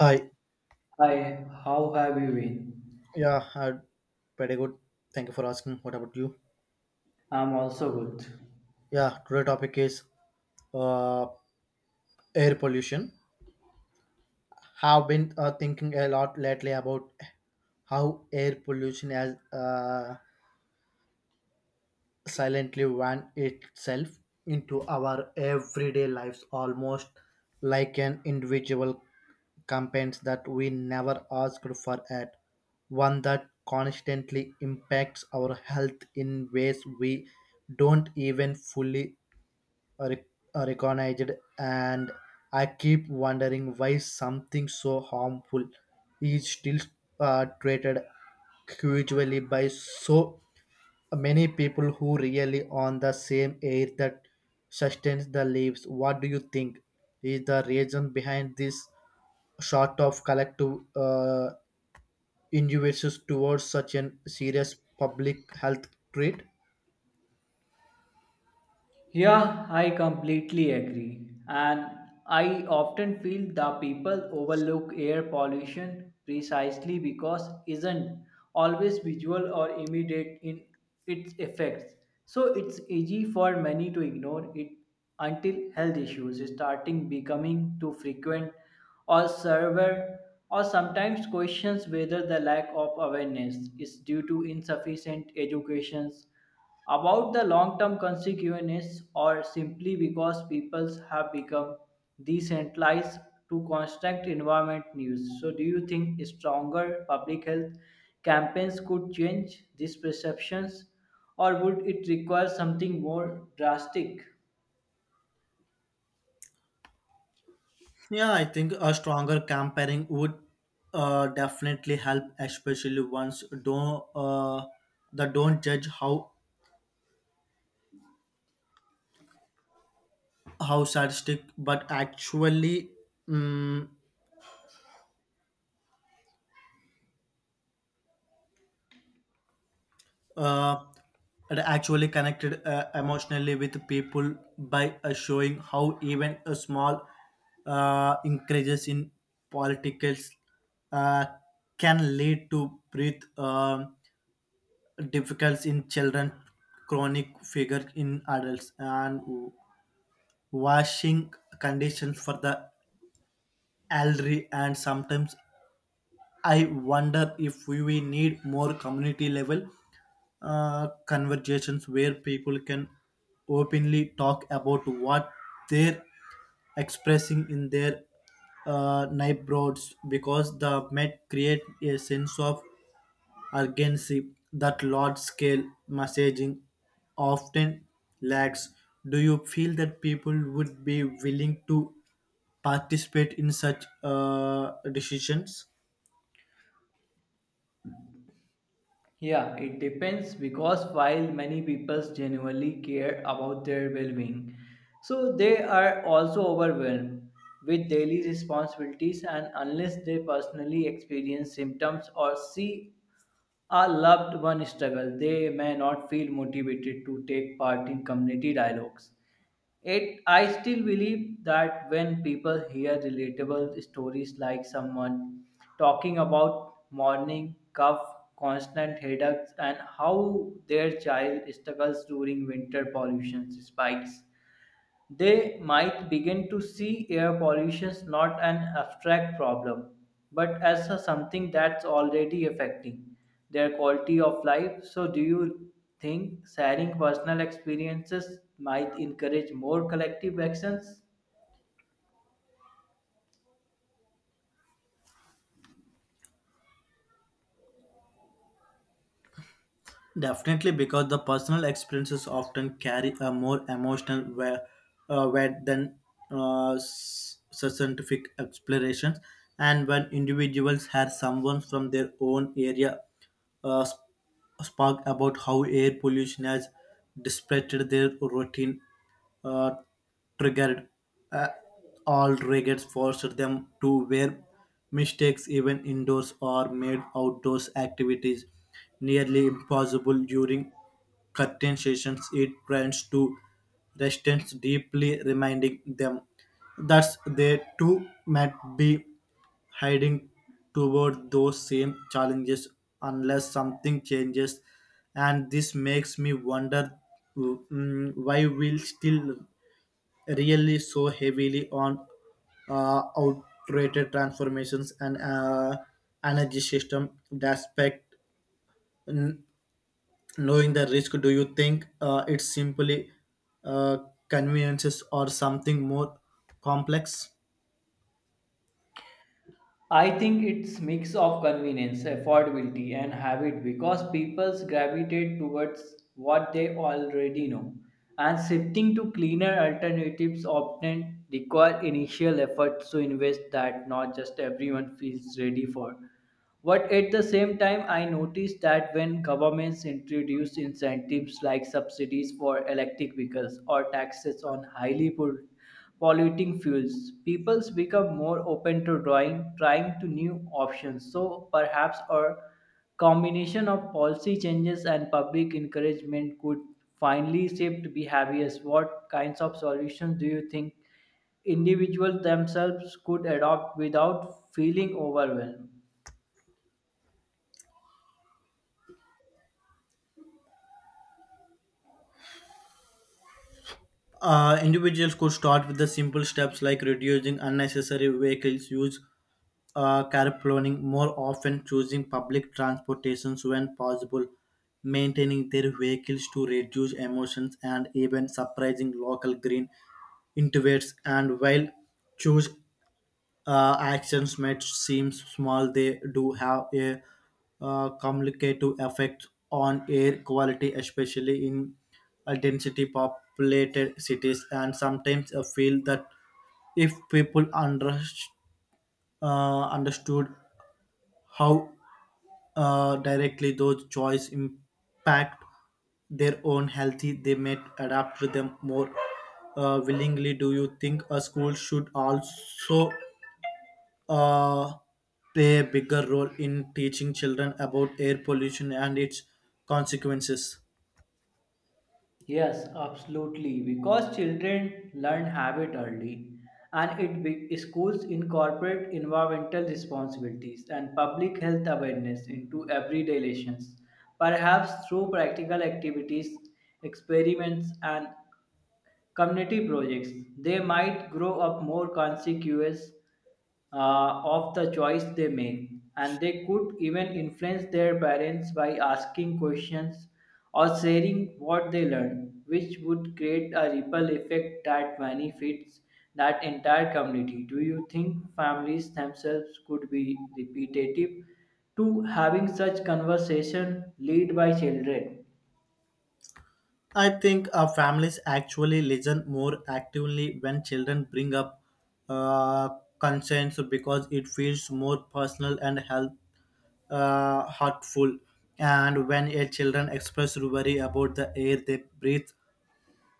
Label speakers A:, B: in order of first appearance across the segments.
A: Hi.
B: Hi, how have you been?
A: Yeah, I pretty good. Thank you for asking. What about you?
B: I'm also good.
A: Yeah, today topic is uh, air pollution. Have been thinking a lot lately about how air pollution has uh, silently woven itself into our everyday lives almost like an individual campaigns that we never asked for at one that constantly impacts our health in ways we don't even fully re- recognized, and I keep wondering why something so harmful is still treated casually by so many people who really on the same air that sustains the leaves. What do you think is the reason behind this sort of collective injustice towards such an serious public health threat?
B: Yeah, I completely agree. And I often feel the people overlook air pollution precisely because isn't always visual or immediate in its effects. So it's easy for many to ignore it until health issues starting becoming too frequent or severe, or sometimes questions whether the lack of awareness is due to insufficient educations about the long term consequences or simply because people have become desensitized to constant environment news. So, do you think stronger public health campaigns could change these perceptions or would it require something more drastic?
A: Yeah, I think a stronger campaigning would definitely help, especially once don't the don't judge how sadistic, but actually um, uh, it actually connected emotionally with people by showing how even a small increases in politics uh, can lead to breath. Difficult in children, chronic figure in adults, and washing conditions for the elderly. And sometimes I wonder if we need more community level conversations where people can openly talk about what they're expressing in their neighborhoods because the Met create a sense of urgency that large scale messaging often lacks. Do you feel that people would be willing to participate in such decisions?
B: Yeah, it depends because while many people genuinely care about their well being, so they are also overwhelmed with daily responsibilities, and unless they personally experience symptoms or see a loved one struggle, they may not feel motivated to take part in community dialogues. It, I still believe that when people hear relatable stories like someone talking about morning cough, constant headaches, and how their child struggles during winter pollution spikes, they might begin to see air pollution not an abstract problem, but as a something that's already affecting their quality of life. So, do you think sharing personal experiences might encourage more collective actions?
A: Definitely, because the personal experiences often carry a more emotional weight than scientific explorations. And when individuals have someone from their own area uh, sp- spark about how air pollution has disrupted their routine, uh, triggered. Uh, all regrets forced them to wear. Mistakes, even indoors, or made outdoors activities nearly impossible during curtain sessions. It turns to resistance, deeply reminding them that they too might be heading toward those same challenges unless something changes. And this makes me wonder, why we'll still really so heavily on outdated transformations and energy system aspect n- knowing the risk. Do you think it's simply uh, conveniences or something more complex?
B: I think it's mix of convenience, affordability, and habit because people gravitate towards what they already know, and shifting to cleaner alternatives often require initial effort to invest that not just everyone feels ready for. But at the same time, I noticed that when governments introduce incentives like subsidies for electric vehicles or taxes on highly polluting fuels, peoples become more open to drawing, trying to new options. So perhaps a combination of policy changes and public encouragement could finally shift behaviors. What kinds of solutions do you think individuals themselves could adopt without feeling overwhelmed?
A: Individuals could start with the simple steps like reducing unnecessary vehicles use, carpooling more often, choosing public transportations when possible, maintaining their vehicles to reduce emissions, and even surprising local green intuits. And while choose actions might seem small, they do have a complicated effect on air quality, especially in density populated cities. And sometimes I feel that if people under, understood how directly those choices impact their own health, they might adapt to them more willingly. Do you think a school should also uh, play a bigger role in teaching children about air pollution and its consequences?
B: Yes, absolutely. Because children learn habit early, and it be, schools incorporate environmental responsibilities and public health awareness into everyday relations, perhaps through practical activities, experiments, and community projects. They might grow up more conscious of the choice they make, and they could even influence their parents by asking questions or sharing what they learn, which would create a ripple effect that benefits that entire community. Do you think families themselves could be repetitive to having such conversation led by children?
A: I think families actually listen more actively when children bring up uh, concerns because it feels more personal and help, heartful. And when a children express worry about the air they breathe,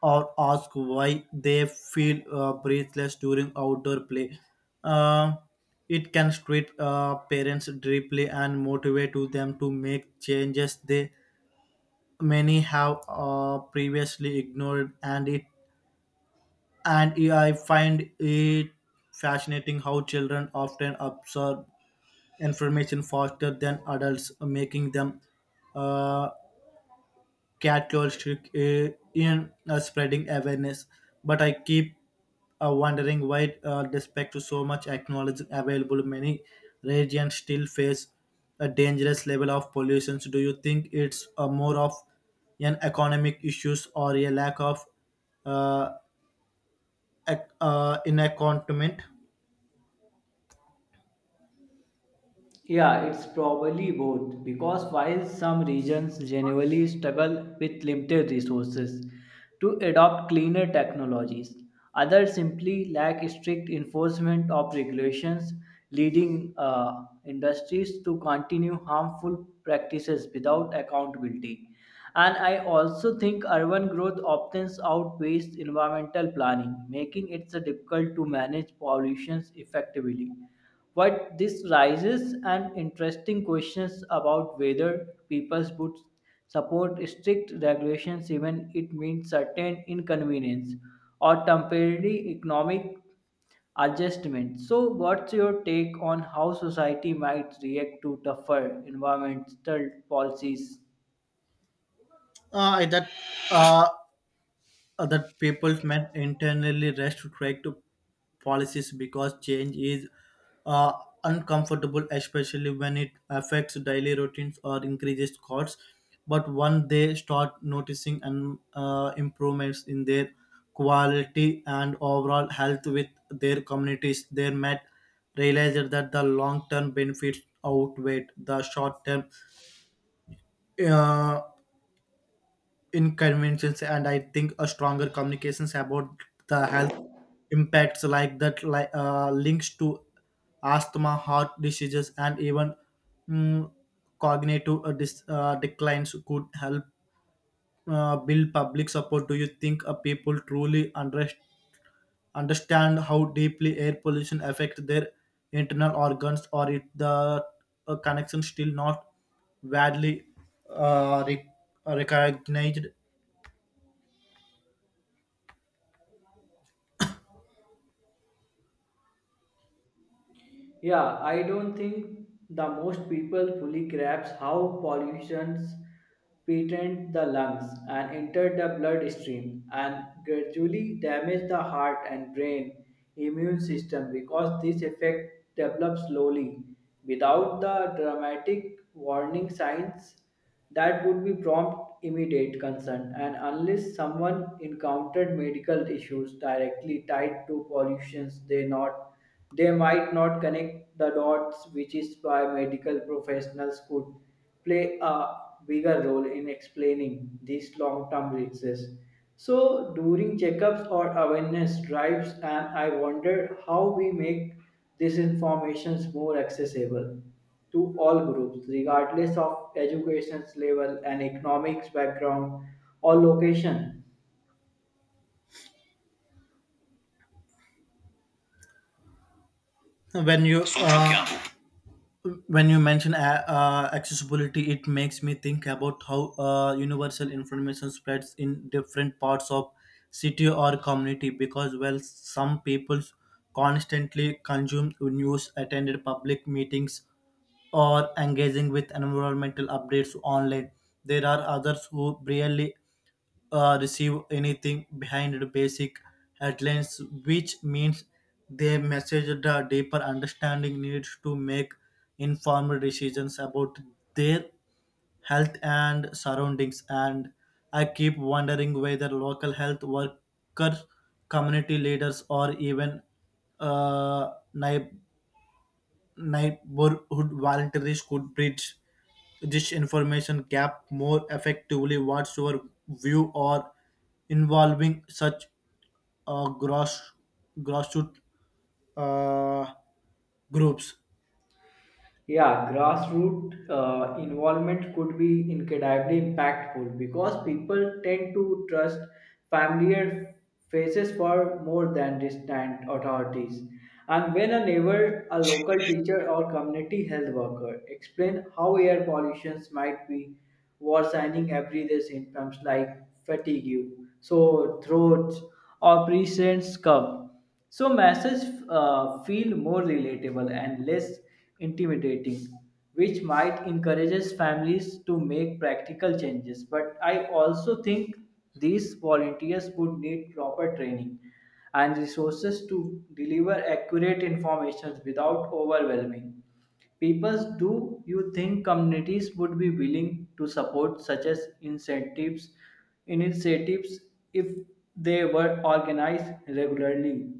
A: or ask why they feel breathless during outdoor play. Uh, it can treat parents deeply and motivate to them to make changes they many have previously ignored. And it, and I find it fascinating how children often absorb information faster than adults making them uh, catalytic in spreading awareness, but I keep wondering why, despite to so much acknowledging available, many regions still face a dangerous level of pollution. So do you think it's more of an economic issues or a lack of uh, inaccountment?
B: Yeah, it's probably both because while some regions genuinely struggle with limited resources to adopt cleaner technologies, others simply lack strict enforcement of regulations, leading industries to continue harmful practices without accountability. And I also think urban growth often outweighs environmental planning, making it so difficult to manage pollution effectively. What this raises an interesting questions about whether people would support strict regulations even it means certain inconvenience or temporary economic adjustment. So, what's your take on how society might react to tougher environmental policies?
A: That uh, other people may internally restrict policies because change is uh, uncomfortable, especially when it affects daily routines or increases costs. But once they start noticing and improvements in their quality and overall health with their communities, they might realize that the long-term benefits outweigh the short-term uh, inconveniences. And I think a stronger communications about the health impacts like that, like links to asthma heart diseases and even mm, cognitive declines could help build public support. Do you think people truly understand how deeply air pollution affects their internal organs, or if the connection still not widely uh, re- recognized?
B: Yeah, I don't think the most people fully grasp how pollutions penetrate the lungs and enter the bloodstream and gradually damage the heart and brain immune system because this effect develops slowly without the dramatic warning signs that would be prompt immediate concern, and unless someone encountered medical issues directly tied to pollutions they might not connect the dots, which is why medical professionals could play a bigger role in explaining these long-term risks so during checkups or awareness drives. And I wonder how we make this information is more accessible to all groups, regardless of education level and economics background or location.
A: when you uh, when you mention accessibility, it makes me think about how universal information spreads in different parts of city or community, because well some people constantly consume news attended public meetings or engaging with environmental updates online. There are others who barely receive anything behind the basic headlines, which means they message the deeper understanding needs to make informed decisions about their health and surroundings. And I keep wondering whether local health workers, community leaders, or even neighbors neighborhood volunteers could bridge this information gap more effectively. What's your view or involving such gross grassroots uh, groups?
B: Yeah, grassroots involvement could be incredibly impactful because people tend to trust familiar faces for more than distant authorities. And when a neighbor, a local teacher, or community health worker explain how air pollution might be worsening everyday symptoms like fatigue, sore throats, or presence cough, so messages feel more relatable and less intimidating, which might encourages families to make practical changes. But I also think these volunteers would need proper training and resources to deliver accurate information without overwhelming. Peoples, do you think communities would be willing to support such as incentives, initiatives if they were organized regularly?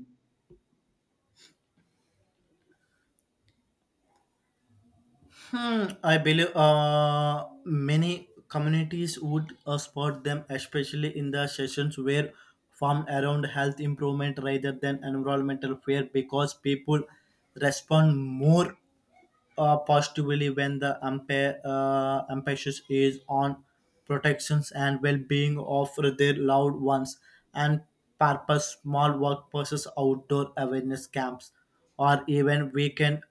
A: Hmm, I believe many communities would support them, especially in the sessions where formed around health improvement rather than environmental fear, because people respond more positively when the umpire emphasis is on protections and well-being of their loved ones. And purpose small workplaces outdoor awareness camps or even weekend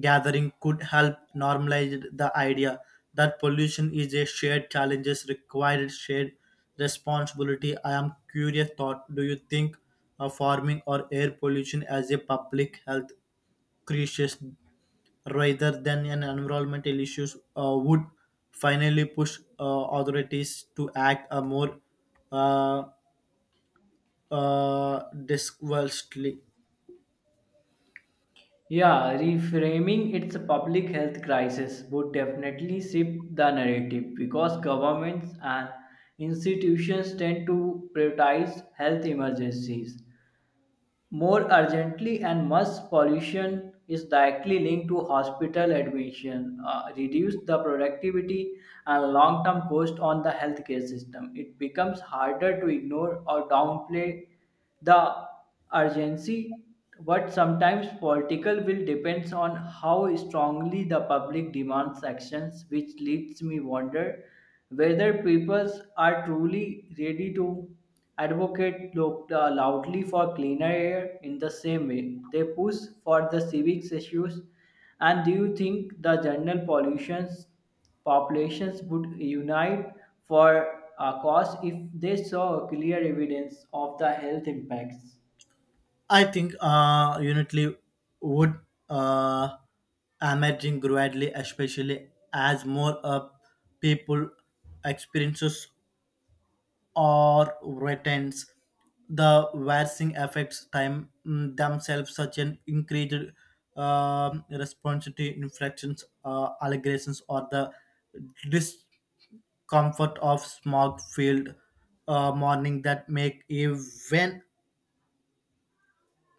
A: gathering could help normalize the idea that pollution is a shared challenge required shared responsibility. I am curious thought, do you think farming or air pollution as a public health crisis rather than an environmental issues would finally push authorities to act a more uh, disgracefully.
B: Yeah, reframing its public health crisis would definitely shift the narrative because governments and institutions tend to prioritize health emergencies more urgently, and mass pollution is directly linked to hospital admission, reduce the productivity and long-term cost on the healthcare system. It becomes harder to ignore or downplay the urgency, but sometimes political will depends on how strongly the public demands actions, which leads me wonder whether people are truly ready to advocate loudly for cleaner air in the same way they push for the civic issues. And do you think the general pollutions populations would unite for a cause if they saw clear evidence of the health impacts?
A: I think unitly would uh, emerging gradually, especially as more people experiences or retains the vaccine affects time themselves such an increased response to infections allegations or the discomfort of smog filled morning that make even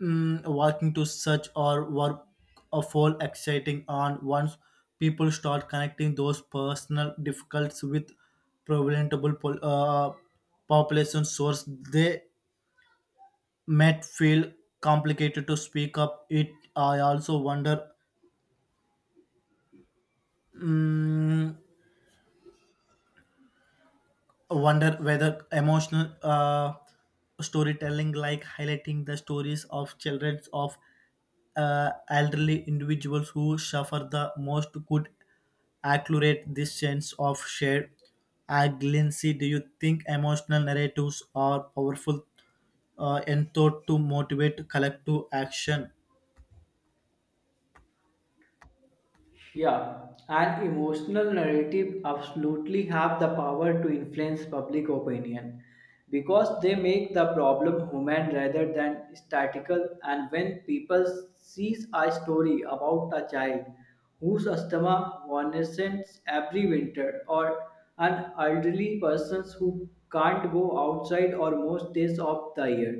A: walking to search or work a full exciting on. Once people start connecting those personal difficulties with preventable population source, they might feel complicated to speak up. It, I also wonder, mm, wonder whether emotional storytelling like highlighting the stories of children of elderly individuals who suffer the most could accelerate this sense of shared agency. Do you think emotional narratives are powerful and thought to motivate collective action?
B: Yeah, an emotional narrative absolutely have the power to influence public opinion because they make the problem human rather than statical, and when people sees a story about a child whose asthma vanishes every winter or an elderly person who can't go outside or most days of the year,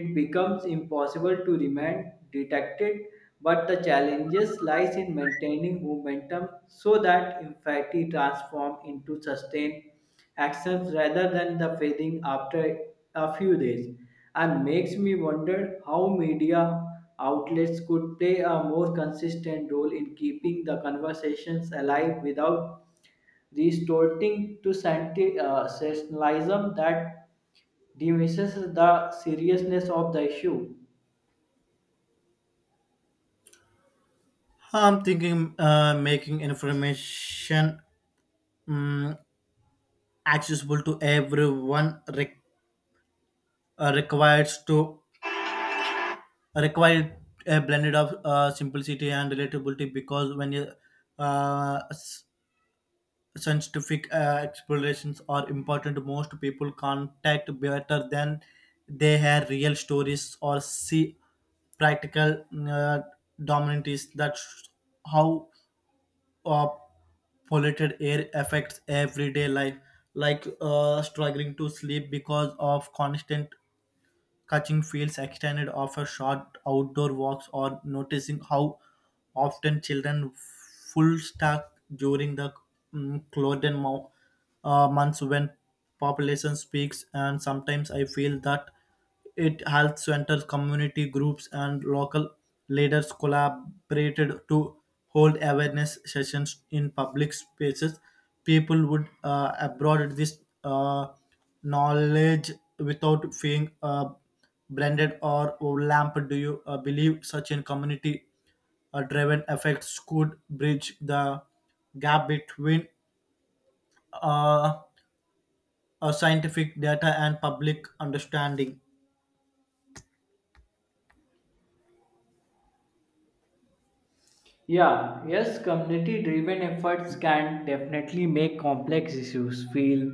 B: it becomes impossible to remain detected, but the challenges lies in maintaining momentum so that empathy transforms into sustained actions rather than the fading after a few days. And makes me wonder how media outlets could play a more consistent role in keeping the conversations alive without resorting to sensationalism that diminishes the seriousness of the issue.
A: I'm thinking making information um, accessible to everyone uh, requires to require a blended of simplicity and relatability, because when you uh, s- scientific explorations are important most people contact better than they have real stories or see practical dominantes that's how of polluted air affects everyday life, like struggling to sleep because of constant catching fields extended after short outdoor walks or noticing how often children full stack during the mm, closed mo- months when population speaks. And sometimes I feel that it helps centers, community groups, and local leaders collaborated to hold awareness sessions in public spaces. People would abroad this. Uh, Knowledge without being blended or lamped? Do you believe such in community driven effects could bridge the gap between uh, scientific data and public understanding?
B: Yeah, yes, community driven efforts can definitely make complex issues feel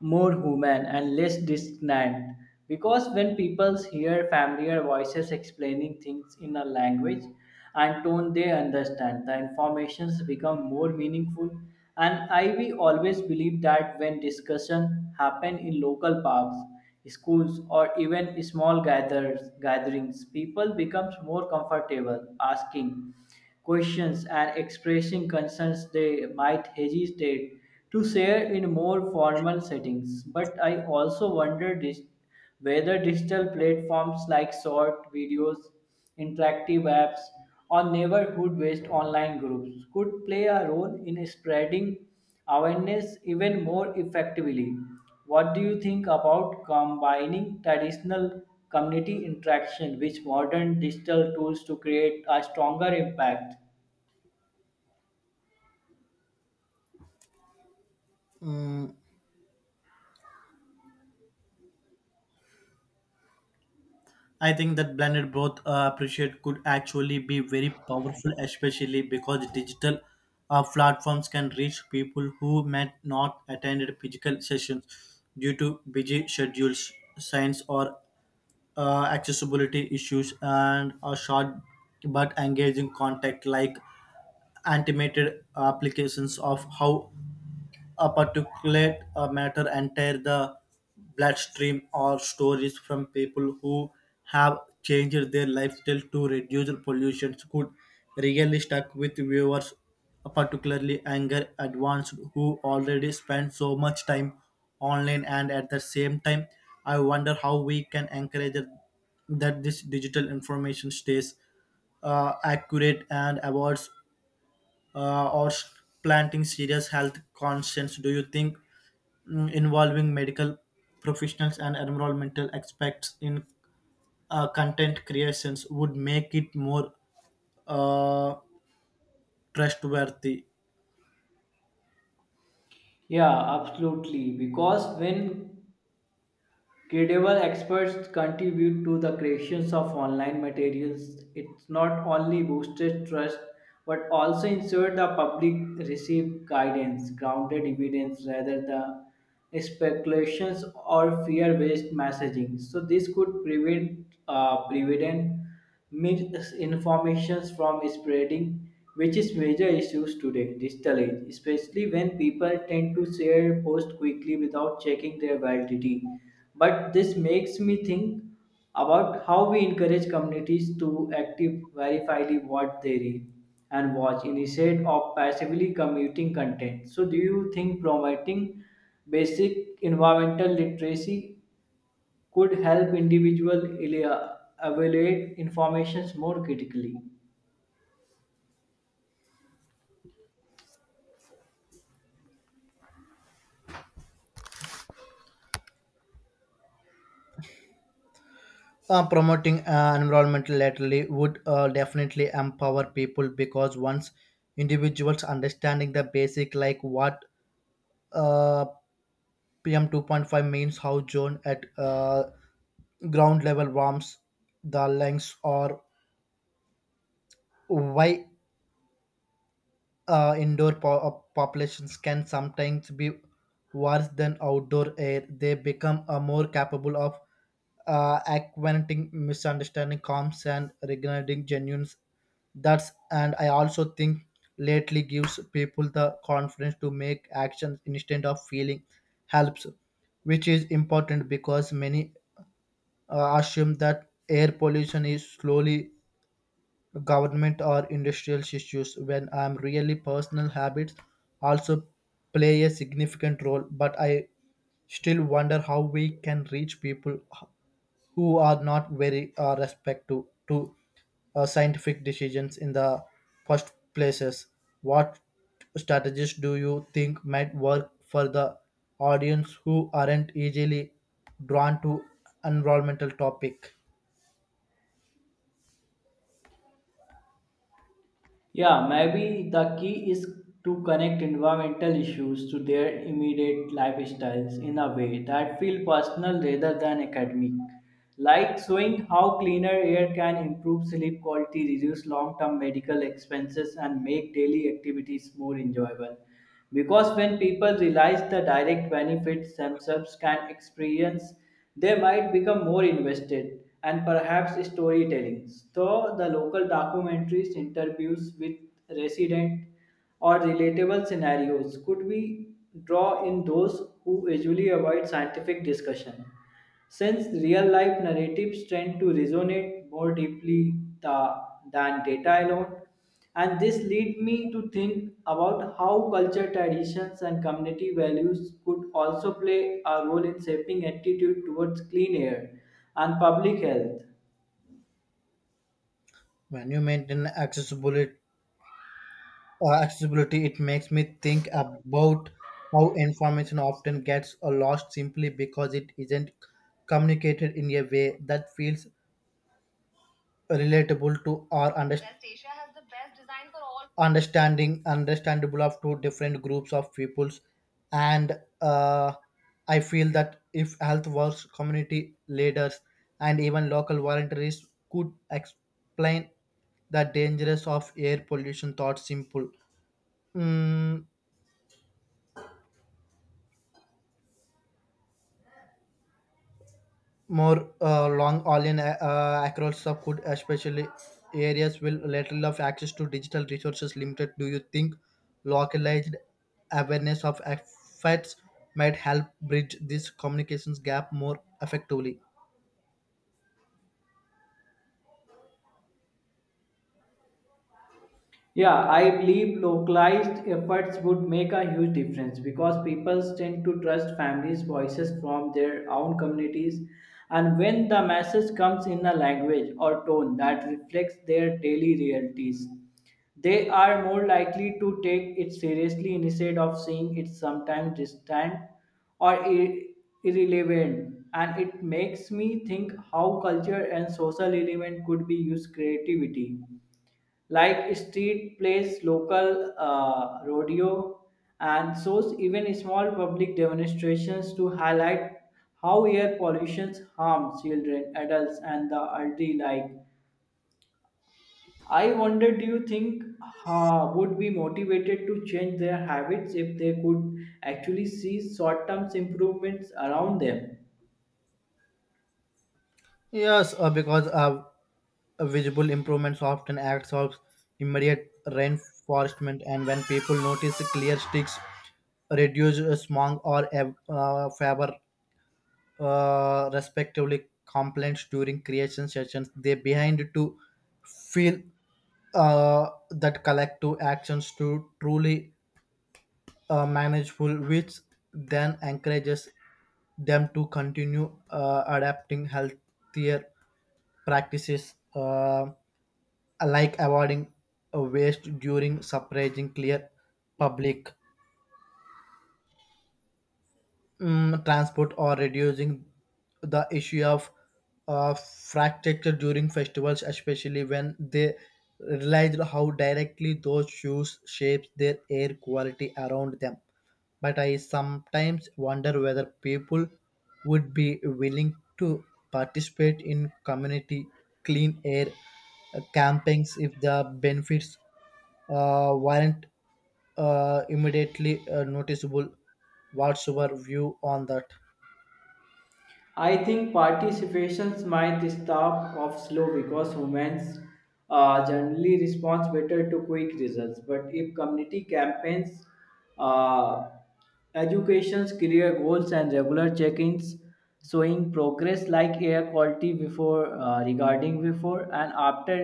B: more human and less distant because when people hear familiar voices explaining things in a language and tone they understand, the informations become more meaningful. And I we always believe that when discussion happen in local parks, schools, or even small gatherings, people becomes more comfortable asking questions and expressing concerns they might hesitate to share in more formal settings. But I also wonder whether digital platforms like short videos, interactive apps, or neighborhood based online groups could play a role in spreading awareness even more effectively. What do you think about combining traditional community interaction with modern digital tools to create a stronger impact?
A: I think that blended both appreciate could actually be very powerful, especially because digital platforms can reach people who might not attend physical sessions due to busy schedules, science, or accessibility issues. And a short but engaging contact like animated applications of how a particulate matter enter the bloodstream or stories from people who have changed their lifestyle to reduce pollution could really stuck with viewers, particularly anger advanced who already spend so much time online. And at the same time, I wonder how we can encourage that this digital information stays accurate and avoids uh, or s- planting serious health concerns. Do you think involving medical professionals and environmental aspects in content creations would make it more uh, trustworthy?
B: Yeah, absolutely. Because when credible experts contribute to the creations of online materials, it not only boosted trust but also ensured the public receive guidance, grounded evidence rather than speculations or fear-based messaging. So this could prevent misinformations from spreading, which is major issues today, digital age, especially when people tend to share posts quickly without checking their validity. But this makes me think about how we encourage communities to active verify what they read and watch instead of passively commuting content. So do you think promoting basic environmental literacy could help individual elea- evaluate informations more critically.
A: Promoting environmental literacy would definitely empower people, because once individuals understanding the basic like what uh, pm 2.5 means how zone at ground level warms the lungs or why indoor populations can sometimes be worse than outdoor air, they become more capable of acquainting misunderstanding comms and regarding genuine that's. And I also think lately gives people the confidence to make actions instead of feeling helps, which is important because many assume that air pollution is slowly government or industrial issues when I'm really personal habits also play a significant role. But I still wonder how we can reach people who are not very respective to scientific decisions in the first places. What strategies do you think might work for the audience who aren't easily drawn to environmental topic?
B: Yeah, maybe the key is to connect environmental issues to their immediate lifestyles in a way that feel personal rather than academic. Like showing how cleaner air can improve sleep quality, reduce long term medical expenses, and make daily activities more enjoyable. Because when people realize the direct benefits themselves can experience, they might become more invested and perhaps storytelling. So, the local documentaries, interviews with resident or relatable scenarios could we draw in those who usually avoid scientific discussion. Since real life narratives tend to resonate more deeply than data alone, and this lead me to think about how culture, traditions, and community values could also play a role in shaping attitude towards clean air and public health.
A: When you maintain accessibility, it makes me think about how information often gets lost simply because it isn't communicated in a way that feels relatable to or understandable. Understanding Understandable of two different groups of peoples. And uh, I feel that if health works community leaders and even local volunteers could explain the dangers of air pollution thought simple Mm, more long online across sub, could especially areas will lateral of access to digital resources limited. Do you think localized awareness of effects might help bridge this communications gap more effectively?
B: Yeah, I believe localized efforts would make a huge difference because people tend to trust families' voices from their own communities. And when the message comes in a language or tone that reflects their daily realities, they are more likely to take it seriously instead of seeing it sometimes distant or irrelevant. And it makes me think how culture and social element could be used creativity like street plays, local rodeo, and shows even small public demonstrations to highlight how air pollution harms children, adults, and the elderly. Like, I wonder, do you think would be motivated to change their habits if they could actually see short-term improvements around them?
A: Yes, because visible improvements often acts of immediate reinforcement, and when people notice clear sticks reduce smog or favor respectively complaints during creation sessions they behind to feel that collective actions to truly manageable, which then encourages them to continue adapting healthier practices like avoiding waste during suppressing clear public transport or reducing the issue of fracture during festivals, especially when they realized how directly those shoes shapes their air quality around them. But I sometimes wonder whether people would be willing to participate in community clean air campaigns if the benefits weren't immediately noticeable. What's your view on that?
B: I think participations might stop off slow because humans generally respond better to quick results. But if community campaigns, uh, educations, clear goals, and regular check-ins showing progress like air quality regarding before and after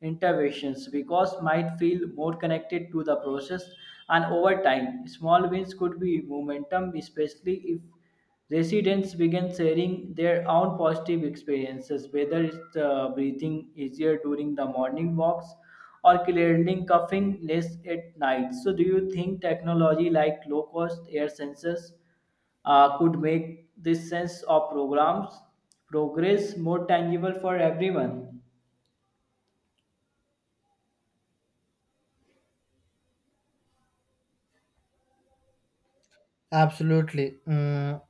B: interventions, because might feel more connected to the process, and over time, small wins could be momentum, especially if residents began sharing their own positive experiences, whether it's breathing easier during the morning walks or clearing coughing less at night. So, do you think technology like low cost air sensors could make this sense of programs progress more tangible for everyone?
A: Absolutely. Mm,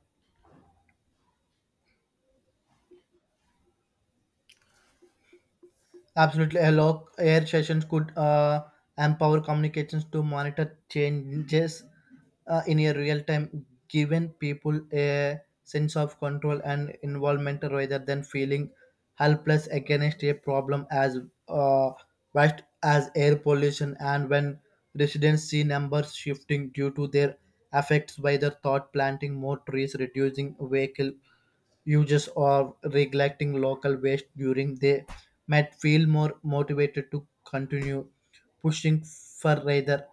A: Absolutely, a lock air sessions could empower communications to monitor changes in a real time, giving people a sense of control and involvement rather than feeling helpless against a problem as uh, vast as air pollution. And when residents see numbers shifting due to their effects, by their thought, planting more trees, reducing vehicle uses or neglecting local waste during, they might feel more motivated to continue pushing for rather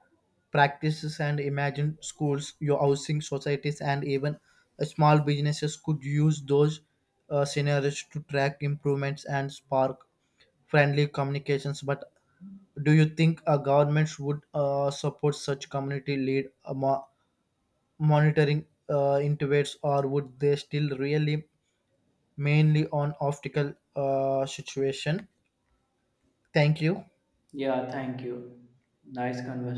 A: practices. And imagine schools, your housing societies and even small businesses could use those scenarios to track improvements and spark friendly communications. But do you think a government would support such community lead monitoring intervets, or would they still really mainly on optical situation. Thank you.
B: Yeah, thank you. Nice conversation.